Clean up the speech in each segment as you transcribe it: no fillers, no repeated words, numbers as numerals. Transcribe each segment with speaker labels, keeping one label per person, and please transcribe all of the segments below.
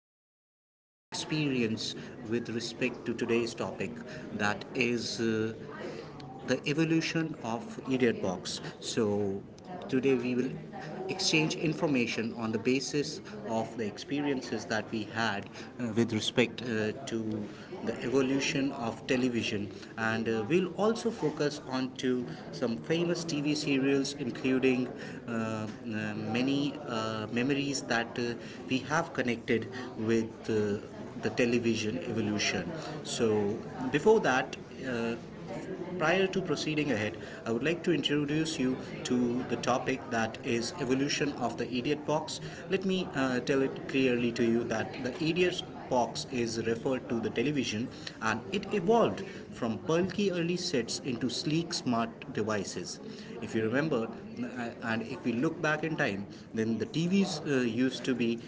Speaker 1: and has all the experience with respect to today's topic, that is the evolution of idiot box. So today we will exchange information on the basis of the experiences that we had, with respect to the evolution of television, and we'll also focus on to some famous TV serials including many memories that we have connected with, the television evolution. So before that, uh, prior to proceeding ahead, I would like to introduce you to the topic, that is evolution of the idiot box. Let me tell it clearly to you that the idiot box is referred to the television, and it evolved from bulky early sets into sleek smart devices. If you remember, and if we look back in time, then the TVs used to be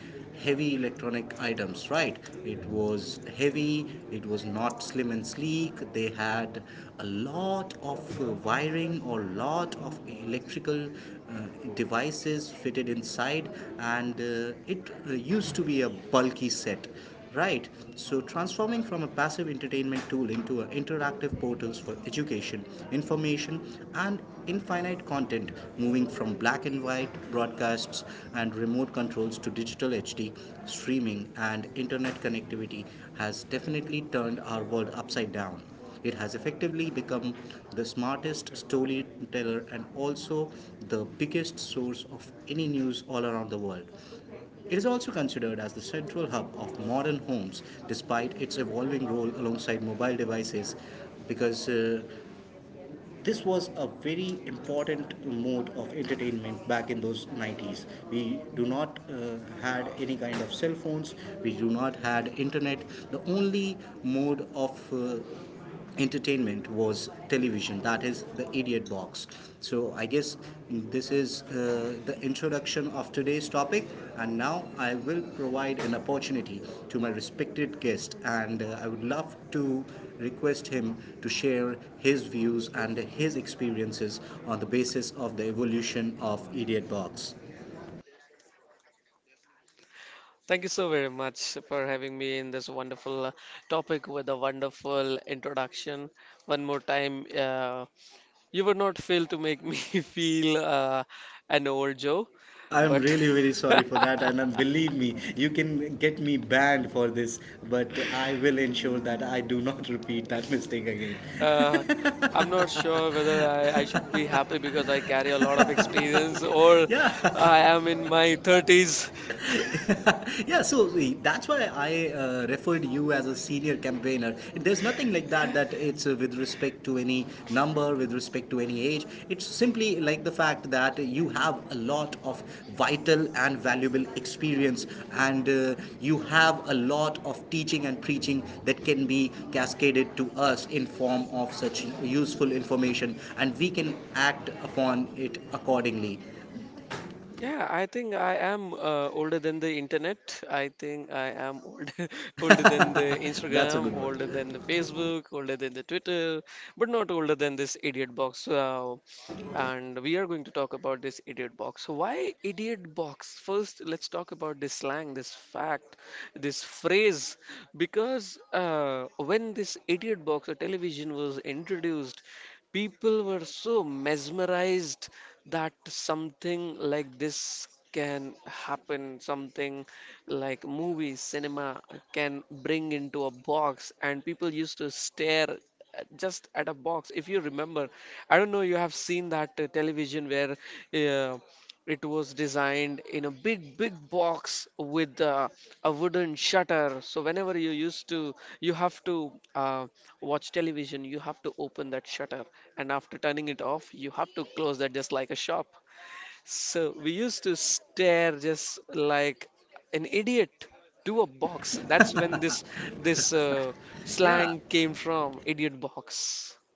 Speaker 1: heavy electronic items, right? It was heavy, it was not slim and sleek. They had a lot of wiring or lot of electrical devices fitted inside, and it used to be a bulky set. Right. So transforming from a passive entertainment tool into an interactive portals for education, information and infinite content, moving from black and white broadcasts and remote controls to digital HD streaming and internet connectivity, has definitely turned our world upside down. It has effectively become the smartest storyteller and also the biggest source of any news all around the world. It is also considered as the central hub of modern homes, despite its evolving role alongside mobile devices, because this was a very important mode of entertainment back in those 90s. We do not had any kind of cell phones, we do not had internet. The only mode of entertainment was television, that is the idiot box. So I guess this is the introduction of today's topic, and now I will provide an opportunity to my respected guest, and I would love to request him to share his views and his experiences on the basis of the evolution of idiot box.
Speaker 2: Thank you so very much for having me in this wonderful topic with a wonderful introduction. One more time, you would not fail to make me feel an old Joe,
Speaker 1: I'm
Speaker 2: but
Speaker 1: really very sorry for that, and believe me, you can get me banned for this, but I will ensure that I do not repeat that mistake again.
Speaker 2: uh, I'm not sure whether I should be happy because I carry a lot of experience or
Speaker 1: Yeah,
Speaker 2: I am in my 30s.
Speaker 1: yeah, so see, that's why I referred you as a senior campaigner. There's nothing like that, that it's with respect to any number, with respect to any age. It's simply like the fact that you have a lot of vital and valuable experience, and you have a lot of teaching and preaching that can be cascaded to us in form of such useful information, and we can act upon it accordingly.
Speaker 2: Yeah, I think I am older than the internet. I think I am old, older than the
Speaker 1: That's a
Speaker 2: Instagram,
Speaker 1: good one.
Speaker 2: older than the Facebook, older than the Twitter, but not older than this idiot box. And we are going to talk about this idiot box. So why idiot box? First, let's talk about this slang, this fact, this phrase. Because when this idiot box or television was introduced, people were so mesmerized that something like this can happen, something like movie cinema can bring into a box, and people used to stare just at a box. If you remember, I don't know, you have seen that television where uh, it was designed in a big, big box with a wooden shutter. So whenever you you have to watch television, you have to open that shutter, and after turning it off, you have to close that just like a shop. So we used to stare just like an idiot to a box. That's when this
Speaker 1: Yeah.
Speaker 2: slang came from, idiot box.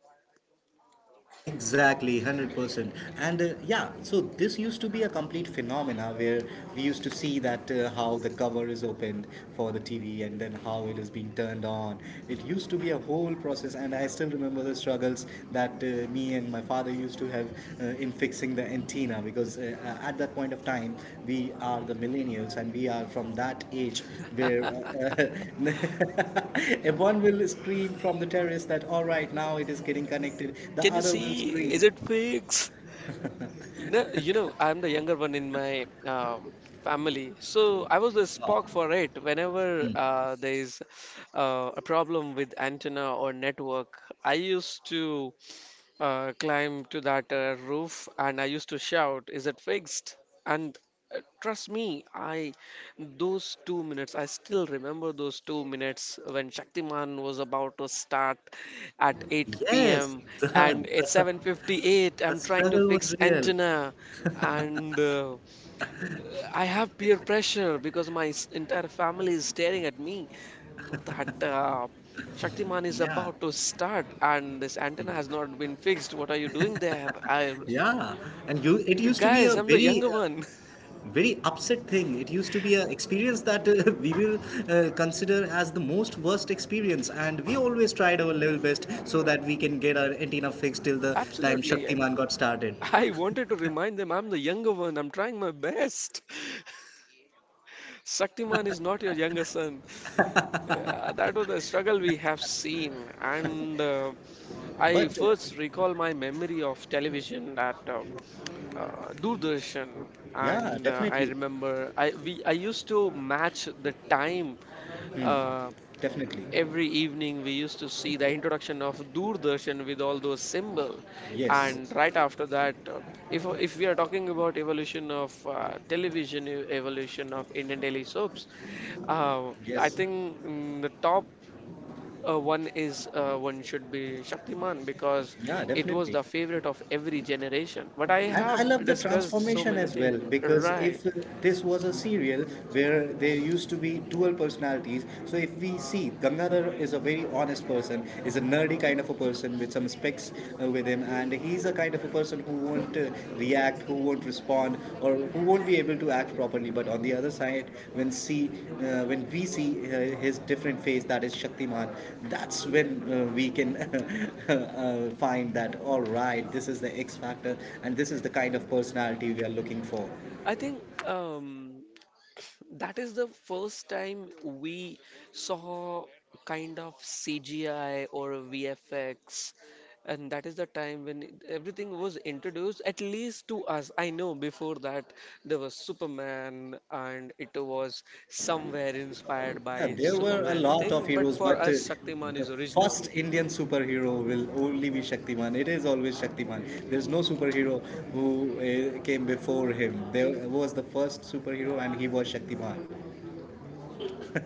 Speaker 1: Exactly, 100%. And yeah, so this used to be a complete phenomena where we used to see that how the cover is opened for the TV and then how it is being turned on. It used to be a whole process, and I still remember the struggles that me and my father used to have in fixing the antenna because at that point of time, we are the millennials and we are from that age where, if one will scream from the terrace that all right, now it is getting connected, the
Speaker 2: Can you
Speaker 1: other will
Speaker 2: see?
Speaker 1: scream.
Speaker 2: Is it fake? No, you know, I'm the younger one in my family, so I was the spark for it. Whenever there is a problem with antenna or network, I used to climb to that roof and I used to shout, "Is it fixed?" And trust me, I those 2 minutes, I still remember those 2 minutes when Shaktiman was about to start at 8
Speaker 1: Yes,
Speaker 2: p.m. and it's 7:58,
Speaker 1: the
Speaker 2: I'm trying to
Speaker 1: struggle was
Speaker 2: fix
Speaker 1: real.
Speaker 2: antenna. And I have peer pressure because entire family is staring at me that Shaktiman is
Speaker 1: Yeah,
Speaker 2: about to start and this antenna has not been fixed. What are you doing there? I
Speaker 1: yeah. And you, it used to be
Speaker 2: Guys,
Speaker 1: a
Speaker 2: I'm the
Speaker 1: very
Speaker 2: younger one.
Speaker 1: very upset thing. It used to be an experience that we will consider as the most worst experience, and we always tried our level best so
Speaker 2: Uh,
Speaker 1: that we can get our antenna fixed till the time
Speaker 2: absolutely.
Speaker 1: shaktiman got started.
Speaker 2: I wanted to remind them, I'm the younger one, I'm trying my best. Shaktiman is not your younger son. Yeah, that was the struggle we have seen. And I
Speaker 1: But
Speaker 2: first recall my memory of television at Doordarshan.
Speaker 1: yeah,
Speaker 2: And I
Speaker 1: definitely.
Speaker 2: remember I used to match the time uh,
Speaker 1: Definitely.
Speaker 2: every evening. We used to see the introduction of Doordarshan with all those symbol,
Speaker 1: Yes.
Speaker 2: and right after that, if we are talking about evolution of television, evolution of Indian daily soaps, uh, I
Speaker 1: Yes.
Speaker 2: think the top one is one should be Shaktiman because
Speaker 1: Yeah,
Speaker 2: it was the
Speaker 1: definitely.
Speaker 2: favorite of every generation. But I
Speaker 1: And I
Speaker 2: have
Speaker 1: love the
Speaker 2: discussed so
Speaker 1: transformation
Speaker 2: many
Speaker 1: as well,
Speaker 2: things.
Speaker 1: because
Speaker 2: Right.
Speaker 1: if this was a serial where there used to be dual personalities, so if we see Gangadhar is a very honest person, is a nerdy kind of a person with some specs with him, and he's a kind of a person who won't react, who won't respond, or who won't be able to act properly. But on the other side, when see uh, when we see his different face, that is shaktiman, that's when we can find that all right, this is the x factor, and this is the kind of personality we are looking for.
Speaker 2: I think that is the first time we saw kind of CGI or VFX, and that is the time when everything was introduced, at least to us. I know before that there was Superman, and it was somewhere inspired
Speaker 1: Yeah,
Speaker 2: by
Speaker 1: there were a
Speaker 2: Superman
Speaker 1: lot
Speaker 2: thing,
Speaker 1: of
Speaker 2: but
Speaker 1: heroes,
Speaker 2: for
Speaker 1: but
Speaker 2: us, Shaktiman
Speaker 1: the
Speaker 2: is original.
Speaker 1: first Indian superhero will only be Shaktiman. It is always Shaktiman. There's no superhero who came before him. There was the first superhero, and he was Shaktiman.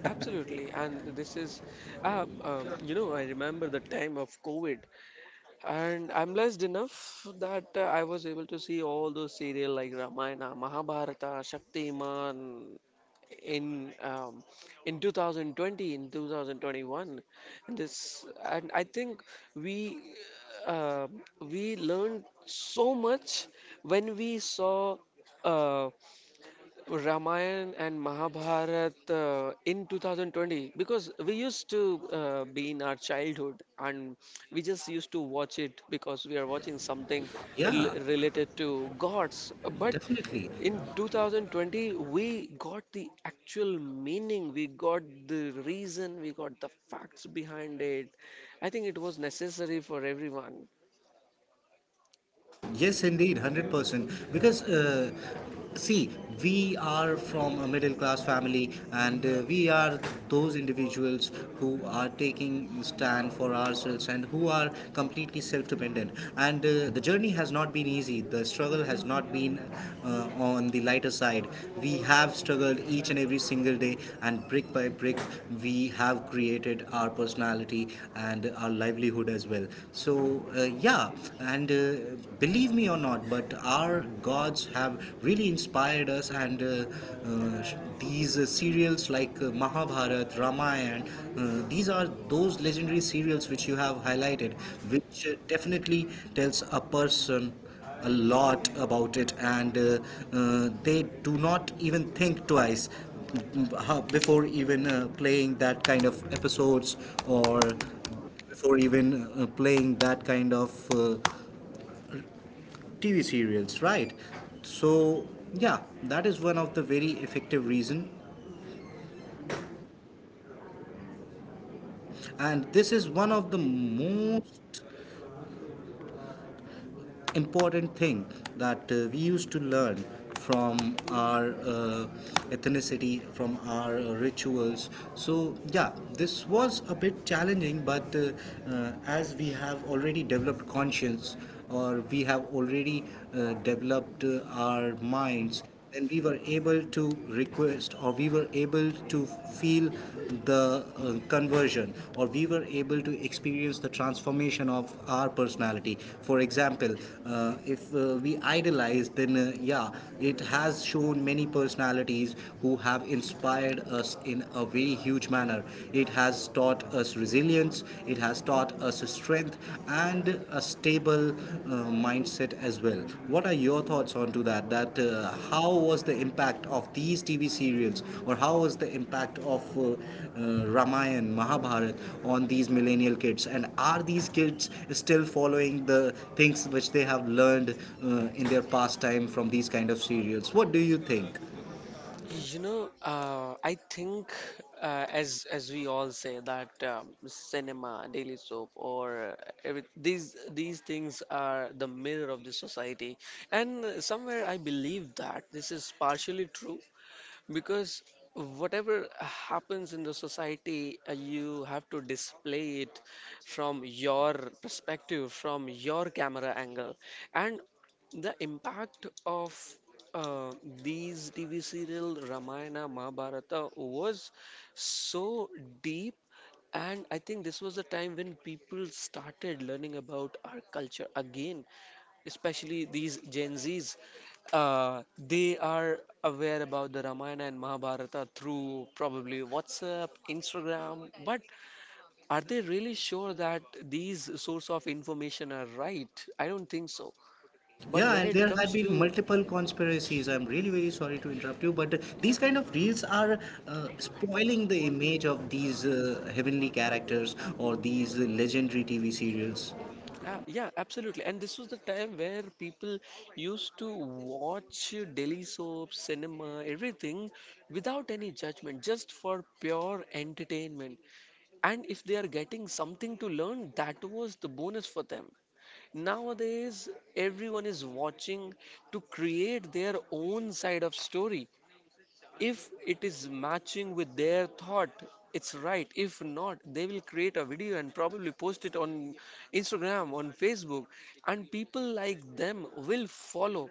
Speaker 2: Absolutely, and this is, you know, I remember the time of COVID. And I'm blessed enough that I was able to see all those serial like Ramayana, Mahabharata, Shaktiman in um, in 2020, in.
Speaker 1: Yeah, definitely. Yes, indeed, 100%. Because, see, we are from a middle class family, and we are those individuals who are taking stand for ourselves and who are completely self dependent. And the journey has not been easy, the struggle has not been on the lighter side. We have struggled each and every single day, and brick by brick, we have created our personality and our livelihood as well. So, yeah, and believe me or not, but our gods have really inspired us, and uh, these serials like Mahabharat, Ramayana, these are those legendary serials which you have highlighted, which definitely tells a person a lot about it, and they do not even think twice before even playing that kind of episodes, or before even playing that kind of TV serials, right? So yeah, that is one of the very effective reason, and this is one of the most important thing that we used to learn from our ethnicity, from our rituals. So yeah, this was a bit challenging, but as we have already developed conscience, or we have already developed our minds, then we were able to request, or we were able to feel the conversion, or we were able to experience the transformation of our personality. For example, if we idolize, then yeah, it has shown many personalities who have inspired us in a very huge manner. It has taught us resilience, it has taught brought us strength and a stable mindset as well. What are your thoughts on to that, that how was the impact of these TV serials, or how was the impact of ramayan mahabharat on these millennial kids, and are these kids still following the things which they have learned in their pastime from these kind of serials? What do you think?
Speaker 2: You know, I think as we all say that cinema, daily soap, or these things are the mirror of the society, and somewhere I believe that this is partially true because whatever happens in the society, you have to display it from your perspective, from your camera angle. And the impact of uh, these TV serial Ramayana, Mahabharata was so deep. And I think this was the time when people started learning about our culture again, especially these Gen Zs. They are aware about the Ramayana and Mahabharata through probably WhatsApp, Instagram, but are they really sure that these source of information are right? I don't think so. But
Speaker 1: Yeah,
Speaker 2: when
Speaker 1: and
Speaker 2: it
Speaker 1: there had
Speaker 2: comes
Speaker 1: been
Speaker 2: to,
Speaker 1: multiple conspiracies. I'm really very sorry to interrupt you, but
Speaker 2: yeah,
Speaker 1: these kind of reels are spoiling the image of these heavenly characters or these legendary TV serials.
Speaker 2: yeah, absolutely. And this was the time where people used to watch daily soap, cinema, everything without any judgment, just for pure entertainment. And if they are getting something to learn, that was the bonus for them. Nowadays, everyone is watching to create their own side of story. If it is matching with their thought, it's right. If not, they will create a video and probably post it on Instagram, on Facebook, and people like them will follow.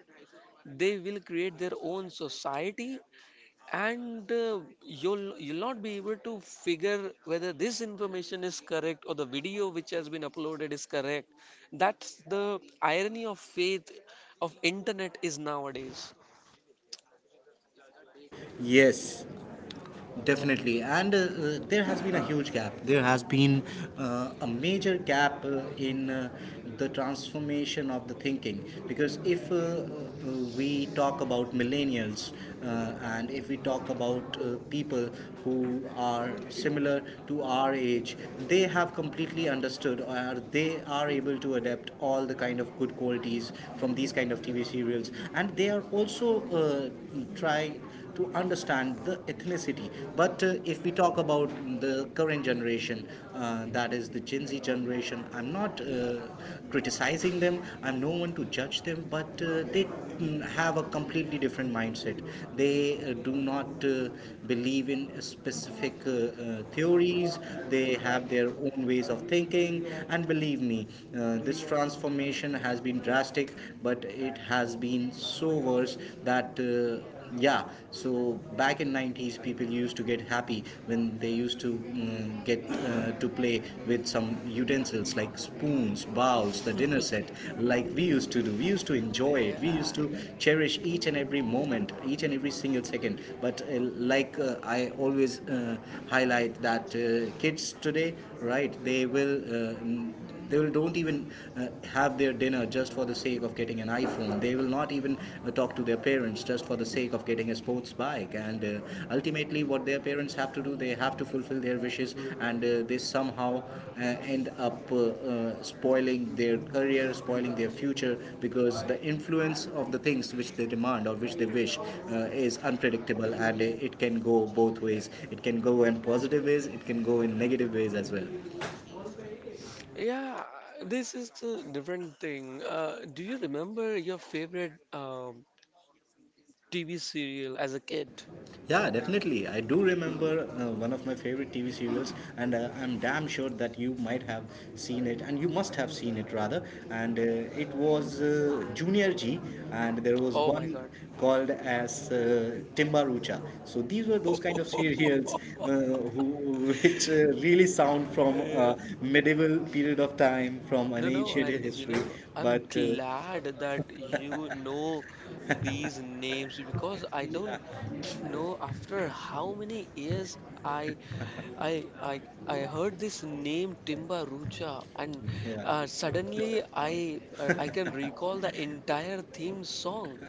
Speaker 2: They will create their own society, and you'll not be able to figure whether this information is correct or the video which has been uploaded is correct. That's the irony of faith of internet is nowadays.
Speaker 1: Yes. Definitely, and there has been a huge gap. There has been a major gap in the transformation of the thinking. Because if we talk about millennials, uh, and if we talk about people who are similar to our age, they have completely understood, or they are able to adapt all the kind of good qualities from these kind of TV serials, and they are also trying to understand the ethnicity. But if we talk about the current generation, that is the Gen Z generation, I'm not criticizing them, I'm no one to judge them, but they have a completely different mindset. They do not believe in specific theories, they have their own ways of thinking, and believe me, this transformation has been drastic, but it has been so worse that. Yeah, so back in 90s, people used to get happy when they used to, get to play with some utensils like spoons, bowls, the dinner set, like we used to do. We used to enjoy it, we
Speaker 2: Yeah.
Speaker 1: used to cherish each and every moment, each and every single second. But like, I always highlight that kids today, right, they will don't even uh, have their dinner just for the sake of getting an iPhone. They will not even talk to their parents just for the sake of getting a sports bike. And ultimately, what their parents have to do, they have to fulfill their wishes, and they somehow uh, end up spoiling their career, spoiling their future, because the influence of the things which they demand or which they wish uh, is unpredictable, and it can go both ways. It can go in positive ways. It can go in negative ways as well.
Speaker 2: Yeah, this is a different thing. Do you remember your favorite TV serial as a kid?
Speaker 1: Yeah, definitely. I do remember one of my favorite TV serials, and I'm damn sure that you might have seen it, and you must have seen it rather. And it was Junior G, and there was
Speaker 2: Oh my
Speaker 1: one
Speaker 2: god.
Speaker 1: called as Timbarucha. So these were those kind of serials which really sound from a
Speaker 2: Yeah.
Speaker 1: medieval period of time, from an
Speaker 2: No, no,
Speaker 1: ancient
Speaker 2: I, you
Speaker 1: history.
Speaker 2: know, I'm
Speaker 1: But
Speaker 2: glad that you know these names because I don't know after how many years I I I I heard this name Timba Rucha and
Speaker 1: yeah.
Speaker 2: suddenly I can recall the entire theme song.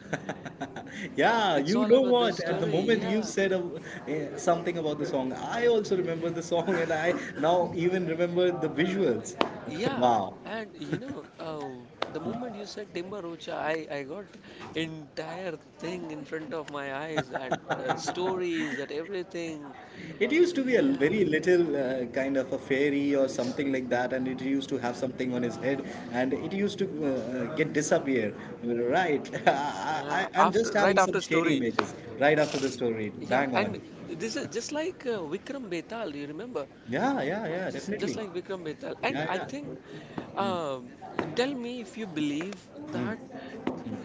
Speaker 1: Yeah,
Speaker 2: It's
Speaker 1: you
Speaker 2: all
Speaker 1: know
Speaker 2: about the
Speaker 1: what? At the
Speaker 2: story,
Speaker 1: moment you
Speaker 2: yeah.
Speaker 1: said something about the song, I also remember the song, and I now even remember the visuals.
Speaker 2: Yeah,
Speaker 1: Wow.
Speaker 2: and you know, the moment you said Timber Rocha, I got entire thing in front of my eyes that stories, that everything.
Speaker 1: It used to be a
Speaker 2: Yeah,
Speaker 1: very little kind of a fairy or something like that, and it used to have
Speaker 2: yeah,
Speaker 1: something on his head, and it used to get disappear. Right. I,
Speaker 2: yeah.
Speaker 1: I, I'm just
Speaker 2: After, right
Speaker 1: having some
Speaker 2: after
Speaker 1: shady
Speaker 2: story.
Speaker 1: images right after the story.
Speaker 2: Yeah,
Speaker 1: Bang
Speaker 2: and
Speaker 1: on.
Speaker 2: this is just like Vikram Betal. You remember,
Speaker 1: Yeah, yeah, yeah,
Speaker 2: just
Speaker 1: definitely.
Speaker 2: like Vikram Betal. And
Speaker 1: Yeah,
Speaker 2: I
Speaker 1: yeah.
Speaker 2: think, um, tell me if you believe that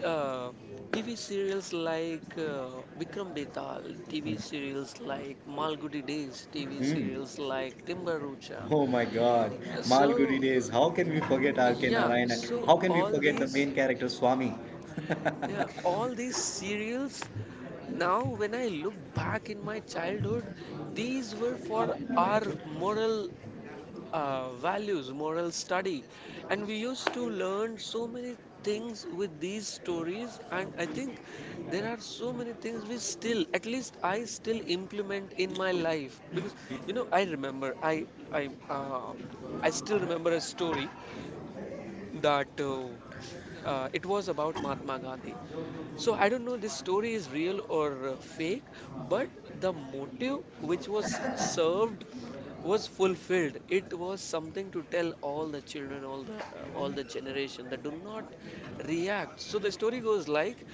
Speaker 2: uh, TV serials like Vikram Betal, TV serials like Malgudi Days, TV
Speaker 1: Hmm.
Speaker 2: serials like Timbarucha.
Speaker 1: Oh my God, Malgudi
Speaker 2: So,
Speaker 1: days. How can we forget R.K.
Speaker 2: yeah,
Speaker 1: Narayan? And
Speaker 2: so
Speaker 1: how can we
Speaker 2: all
Speaker 1: forget the
Speaker 2: these,
Speaker 1: main character Swami?
Speaker 2: yeah, all these serials now when I look back in my childhood, these were for our moral values, moral study, and we used to learn so many things with these stories. And I think there are so many things we still, at least I still implement in my life because you know I um, I still remember a story that it was about Mahatma Gandhi. So I don't know this story is real or fake, but the motive which was served was fulfilled. It was something to tell all the children, all the generation that do not react. So the story goes like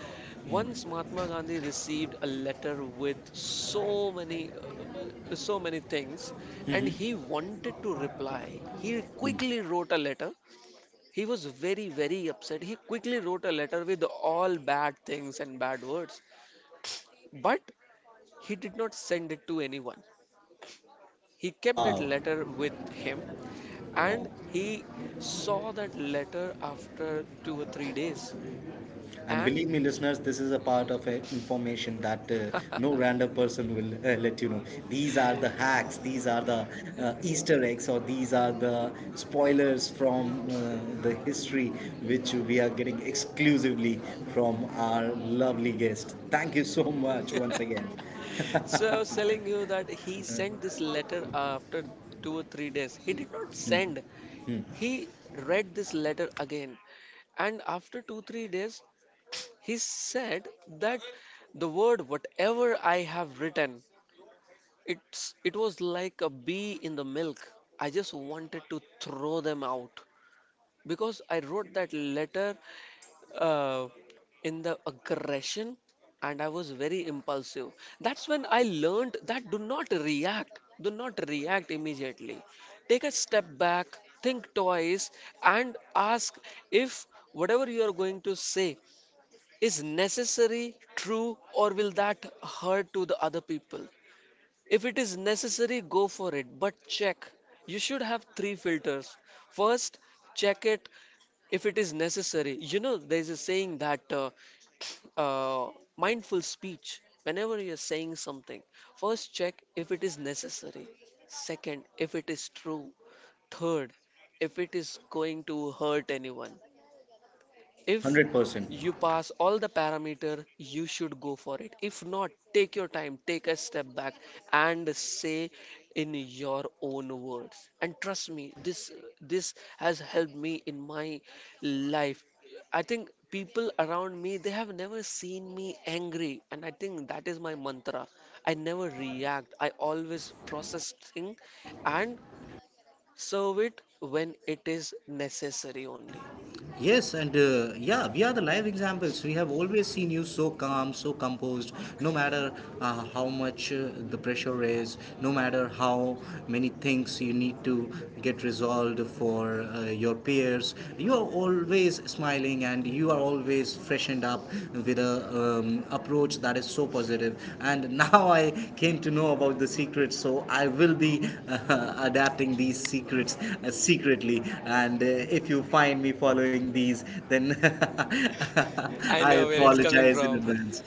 Speaker 2: once Mahatma Gandhi received a letter with so many so many things, and he wanted to reply. He quickly wrote a letter, he was very, very upset. He quickly wrote a letter with all bad things and bad words, but he did not send it to anyone. He kept that
Speaker 1: Wow,
Speaker 2: letter with him
Speaker 1: wow.
Speaker 2: and he saw that letter after 2 or 3 days.
Speaker 1: And
Speaker 2: And
Speaker 1: believe me, listeners, this is a part of information that no random person will let you know. These are the hacks, these are the
Speaker 2: yeah.
Speaker 1: Easter eggs, or these are the spoilers from the history which we are getting exclusively from our lovely guest. Thank you so much once again.
Speaker 2: So, telling you that he sent this letter after 2 or 3 days. He did not send, he read this letter again. And after two, 3 days, he said that the word whatever I have written, it was like a bee in the milk. I just wanted to throw them out because I wrote that letter uh, in the aggression and I was very impulsive. That's when I learned that do not react immediately. Take a step back, think twice, and ask if whatever you are going to say is necessary true or will that hurt to the other people? If it is necessary, go for it, but check. You should have three filters. First, check it if it is necessary. You know, there's a saying that uh, mindful speech, whenever you're saying something, first check if it is necessary, second if it is true, third if it is going to hurt anyone. If
Speaker 1: 100%.
Speaker 2: you pass all the parameter, you should go for it. If not, take your time, take a step back, and say in your own words. And trust me, this has helped me in my life. I think people around me, they have never seen me angry, and I think that is my mantra. I never react, I always process thing and serve it when it is necessary only.
Speaker 1: Yes, and yeah, we are the live examples. We have always seen you so calm, so composed, no matter how much the pressure is, no matter how many things you need to get resolved for your peers. You are always smiling and you are always freshened up with a approach that is so positive. And now I came to know about the secret, so I will be adapting these secrets secretly. And if you find me following these, then
Speaker 2: I
Speaker 1: I
Speaker 2: know where it's coming
Speaker 1: apologize in
Speaker 2: from.
Speaker 1: advance.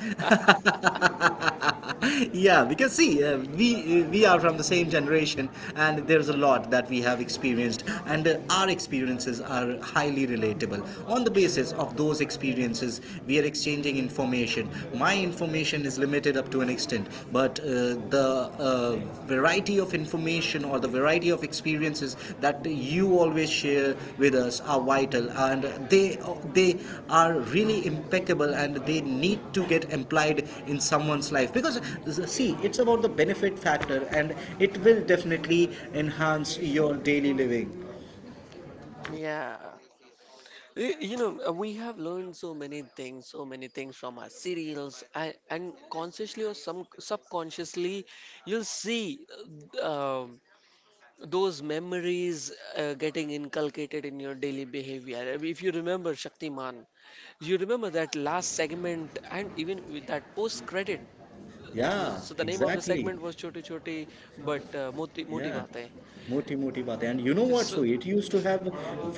Speaker 1: Yeah, because see, we are from the same generation, and there's a lot that we have experienced, and our experiences are highly relatable. On the basis of those experiences, we are exchanging information. My information is limited up to an extent, but the uh, variety of information or the variety of experiences that you always share with us are vital, and they they are really impeccable, and they need to get applied in someone's life because see, it's about the benefit factor, and it will definitely enhance your daily living.
Speaker 2: Yeah. You know, we have learned so many things from our serials, and consciously or some subconsciously, you'll see uh, um, those memories getting inculcated in your daily behavior. If you remember Shaktiman, you remember that last segment, and even with that post credit.
Speaker 1: Yeah,
Speaker 2: So the name of the
Speaker 1: exactly.
Speaker 2: segment was Choti Choti, but Moti Moti
Speaker 1: Yeah,
Speaker 2: Baatein.
Speaker 1: moti moti baat hai. And you know what? So
Speaker 2: So,
Speaker 1: it used to have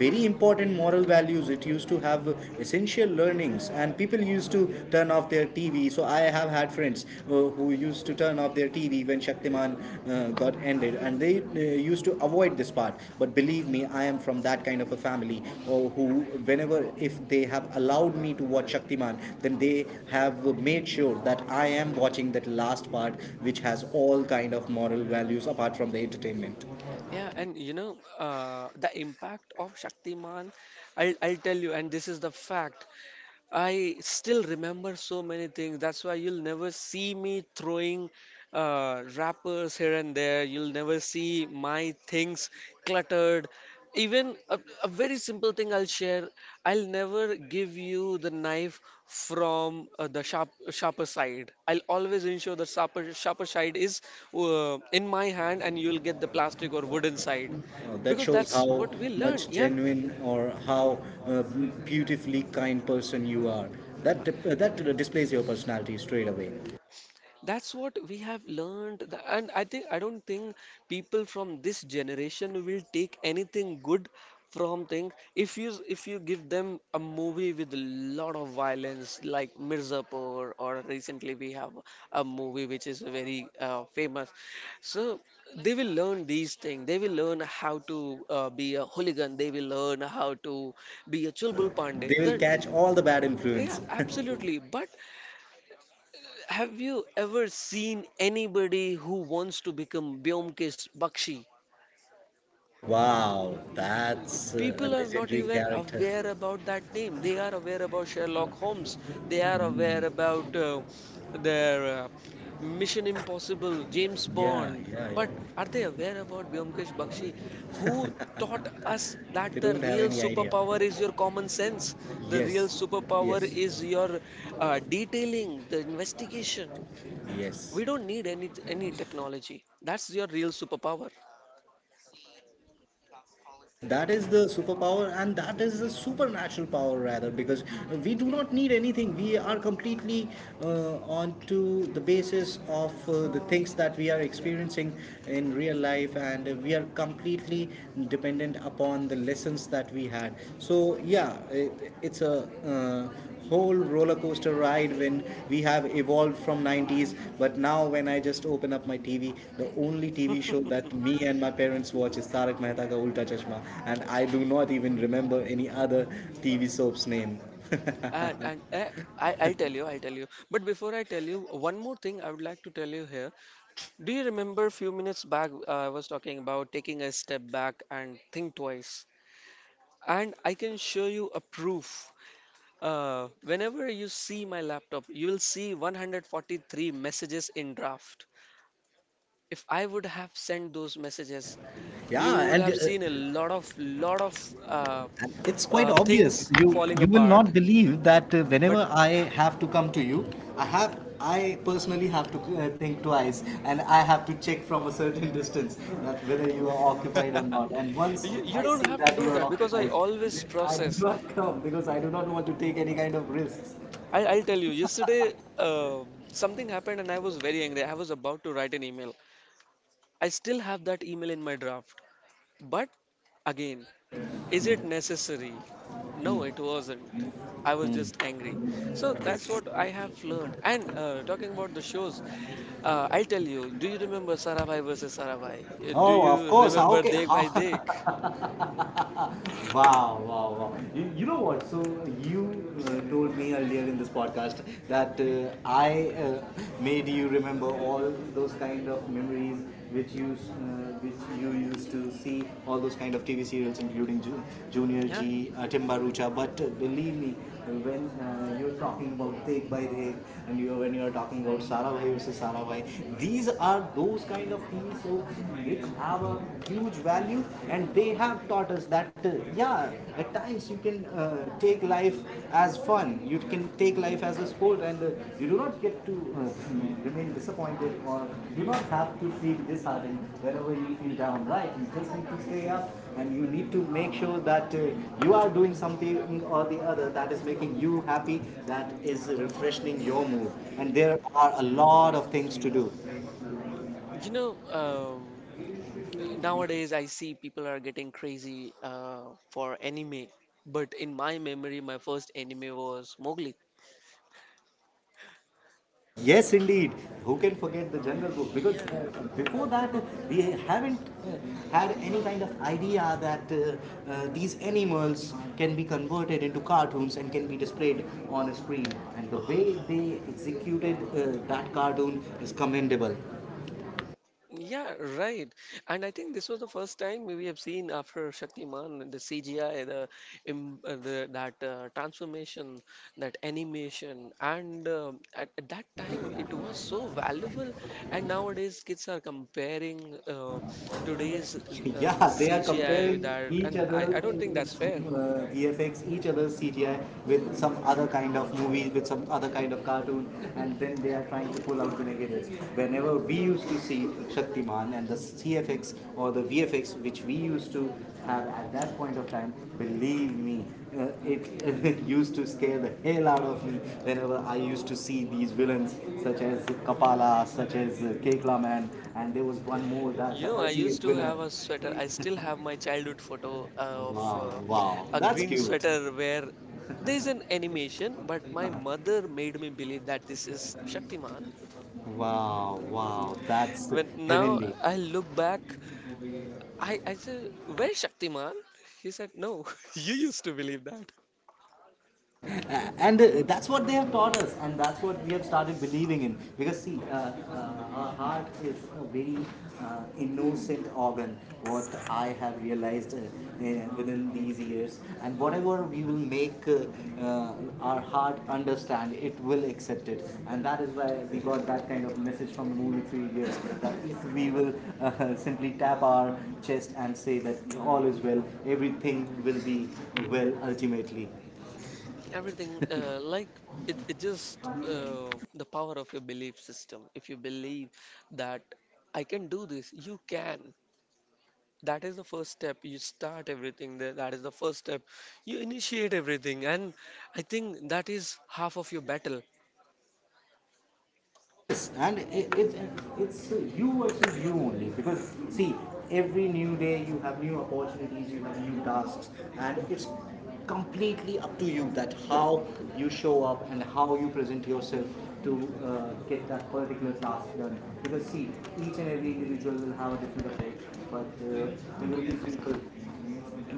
Speaker 1: very important moral values. It used to have essential learnings, and people used to turn off their TV. So I have had friends who used to turn off their TV when Shaktiman got ended, and they used to avoid this part, but believe me, I am from that kind of a family or who, whenever if they have allowed me to watch Shaktiman, then they have made sure that I am watching that last part, which has all kind of moral values apart from the entertainment.
Speaker 2: yeah, and you know, the impact of Shaktiman, I'll tell you, and this is the fact, I still remember so many things. That's why you'll never see me throwing wrappers here and there. You'll never see my things cluttered. Even a very simple thing I'll share. I'll never give you the knife from the sharper side. I'll always ensure the sharper side is in my hand, and you'll get the plastic or wooden side
Speaker 1: That
Speaker 2: because
Speaker 1: shows
Speaker 2: that's
Speaker 1: how
Speaker 2: what we learn,
Speaker 1: much
Speaker 2: yeah.
Speaker 1: genuine or how uh, beautifully kind person you are, that that displays your personality straight away.
Speaker 2: That's what we have learned, and I don't think people from this generation will take anything good from things. If you give them a movie with a lot of violence, like Mirzapur, or recently we have a movie which is very famous, so they will learn these things. They will learn how to be a hooligan. They will learn how to be a
Speaker 1: Yeah,
Speaker 2: chulbul pandey.
Speaker 1: they will
Speaker 2: That
Speaker 1: catch all the bad
Speaker 2: yeah,
Speaker 1: influence.
Speaker 2: absolutely. But have you ever seen anybody who wants to become Byomkesh Bakshi?
Speaker 1: Wow, that's a
Speaker 2: People are not
Speaker 1: legendary
Speaker 2: even
Speaker 1: character.
Speaker 2: aware about that name. They are aware about Sherlock Holmes. They are aware about their Mission Impossible, James
Speaker 1: Yeah,
Speaker 2: Bond.
Speaker 1: yeah, yeah.
Speaker 2: But are they aware about Byomkesh Bakshi, who taught us that
Speaker 1: They
Speaker 2: the
Speaker 1: don't have
Speaker 2: real
Speaker 1: any idea.
Speaker 2: superpower is your common sense? The real
Speaker 1: Yes,
Speaker 2: superpower
Speaker 1: yes,
Speaker 2: is your detailing, the investigation. We
Speaker 1: yes.
Speaker 2: don't need any technology. That's your real superpower.
Speaker 1: Yes, that is the superpower, and that is the supernatural power, rather, because we do not need anything. We are completely onto the basis of the things that we are experiencing in real life, and we are completely dependent upon the lessons that we had. So, yeah, it's a whole roller coaster ride when we have evolved from 90s. But now when I just open up my TV, the only TV show that me and my parents watch is Tarak Mehta Ka Ulta Chashma, and I do not even remember any other TV soap's name.
Speaker 2: And I'll tell you. I'll tell you. But before I tell you, one more thing I would like to tell you here. Do you remember a few minutes back I was talking about taking a step back and think twice? And I can show you a proof. Whenever you see my laptop, you will see 143 messages in draft. If I would have sent those messages, you
Speaker 1: Yeah,
Speaker 2: would
Speaker 1: and
Speaker 2: have seen a lot of uh,
Speaker 1: and it's quite obvious.
Speaker 2: things
Speaker 1: You
Speaker 2: falling
Speaker 1: You will not
Speaker 2: apart.
Speaker 1: believe that
Speaker 2: But
Speaker 1: whenever I have to come to you, i have I personally have to think twice, and I have to check from a certain distance that whether you are occupied or not, and once
Speaker 2: you
Speaker 1: I
Speaker 2: don't
Speaker 1: see
Speaker 2: have to
Speaker 1: that
Speaker 2: do
Speaker 1: you are
Speaker 2: that because I
Speaker 1: occupied,
Speaker 2: always
Speaker 1: then I do
Speaker 2: process.
Speaker 1: not come because I do not want to take any kind of risks.
Speaker 2: I'll tell you, yesterday something happened and I was very angry. I was about to write an email. I still have that email in my draft. But again, is it necessary? No, it wasn't. I was just angry. So that's what I have learned. And talking about the shows, I'll tell you, do you remember Sarabhai versus Sarabhai? Do
Speaker 1: Oh, of
Speaker 2: you
Speaker 1: course, how
Speaker 2: remember
Speaker 1: can,
Speaker 2: Dekh
Speaker 1: how
Speaker 2: Bhai Dekh?
Speaker 1: wow, wow, wow. You know what? So, you told me earlier in this podcast that I made you remember all those kind of memories which which you used to see, all those kind of TV serials, including Junior
Speaker 2: Yeah.
Speaker 1: G, Timbarucha. But believe me, when you're talking about Take by Dek and you when you're talking about Sarabhai versus Sarabhai, these are those kind of TV shows which have a huge value, and they have taught us that, yeah, at times you can take life as fun, you can take life as a sport, and you do not get to remain disappointed or do not have to feel disheartened whenever you feel down, right? You just need to stay up and you need to make sure that you are doing something or the other that is making you happy, that is refreshing your mood, and there are a lot of things to do.
Speaker 2: You know, nowadays I see people are getting crazy for anime, but in my memory, my first anime was Mowgli.
Speaker 1: Yes, indeed. Who can forget the Jungle Book? Because
Speaker 2: Yeah.
Speaker 1: before that, we haven't had any kind of idea that these animals can be converted into cartoons and can be displayed on a screen. And the way they executed that cartoon is commendable.
Speaker 2: Yeah, right. And I think this was the first time we have seen after Shaktiman the CGI, the, im- the that transformation, that animation, and at that time it was so valuable. And nowadays kids are comparing today's
Speaker 1: Yeah, they are
Speaker 2: CGI with
Speaker 1: comparing
Speaker 2: that,
Speaker 1: each
Speaker 2: and
Speaker 1: other
Speaker 2: I don't think that's fair.
Speaker 1: VFX, each other's CGI with some other kind of movies, with some other kind of cartoon, and then they are trying to pull out the negatives. Whenever we used to see Shaktiman and the CFX or the VFX which we used to have at that point of time, believe me, it used to scare the hell out of me whenever I used to see these villains such as Kapala, such as Kekla Man, and there was one more, that
Speaker 2: You
Speaker 1: the
Speaker 2: know, I
Speaker 1: ultimate
Speaker 2: used to
Speaker 1: villain.
Speaker 2: have a sweater. I still have my childhood photo uh, of
Speaker 1: Wow,
Speaker 2: uh,
Speaker 1: wow,
Speaker 2: a
Speaker 1: that's
Speaker 2: green
Speaker 1: cute.
Speaker 2: sweater where there's an animation, but my mother made me believe that this is Shaktiman.
Speaker 1: Wow, wow, that's
Speaker 2: When now
Speaker 1: heavenly.
Speaker 2: I look back, I said, "Where's Shaktiman?" He said, "No, you used to believe that."
Speaker 1: A- and that's what they have taught us, and that's what we have started believing in because see, our heart is a very innocent organ, what I have realized within these years, and whatever we will make our heart understand, it will accept it, and that is why we got that kind of message from the movie 3 years, that if we will simply tap our chest and say that all is well, everything will be well ultimately.
Speaker 2: Everything, like, it just the power of your belief system. If you believe that I can do this, you can. That is the first step. You start everything there. That is the first step you initiate everything, and I think that is half of your battle.
Speaker 1: Yes, and it's you versus you only because see, every new day you have new opportunities, you have new tasks, and it's completely up to you that how you show up and how you present yourself to get that particular task done. Because see, each and every individual will have a different approach, but there will be people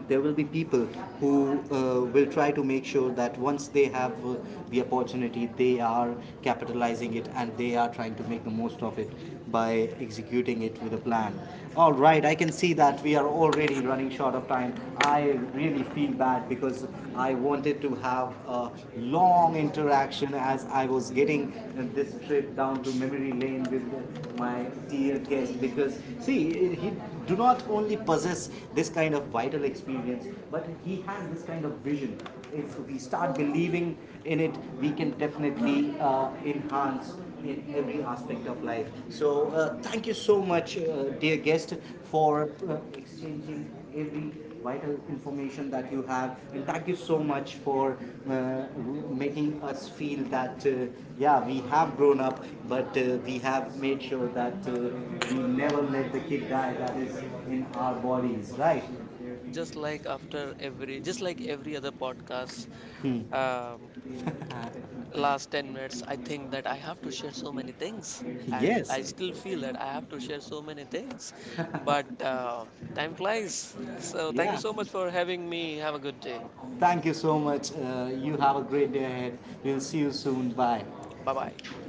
Speaker 1: there will be people who will try to make sure that once they have the opportunity, they are capitalizing it and they are trying to make the most of it by executing it with a plan. All right, I can see that we are already running short of time. I really feel bad because I wanted to have a long interaction as I was getting this trip down to memory lane with my dear guest because see, he do not only possess this kind of vital experience, but he has this kind of vision. If we start believing in it, we can definitely enhance in every aspect of life. So, thank you so much, dear guest, for uh, exchanging every vital information that you have, and thank you so much for uh, making us feel that yeah, we have grown up, but we have made sure that we never let the kid die that is in our bodies, right?
Speaker 2: Just like after every, just like every other podcast, um, last 10 minutes I think that I have to share so many things, and
Speaker 1: Yes.
Speaker 2: I still feel that I have to share so many things, but time flies, so thank you
Speaker 1: Yeah.
Speaker 2: so much for having me. Have a good day.
Speaker 1: Thank you so much. You have a great day ahead. We'll see you soon. Bye.
Speaker 2: Bye bye.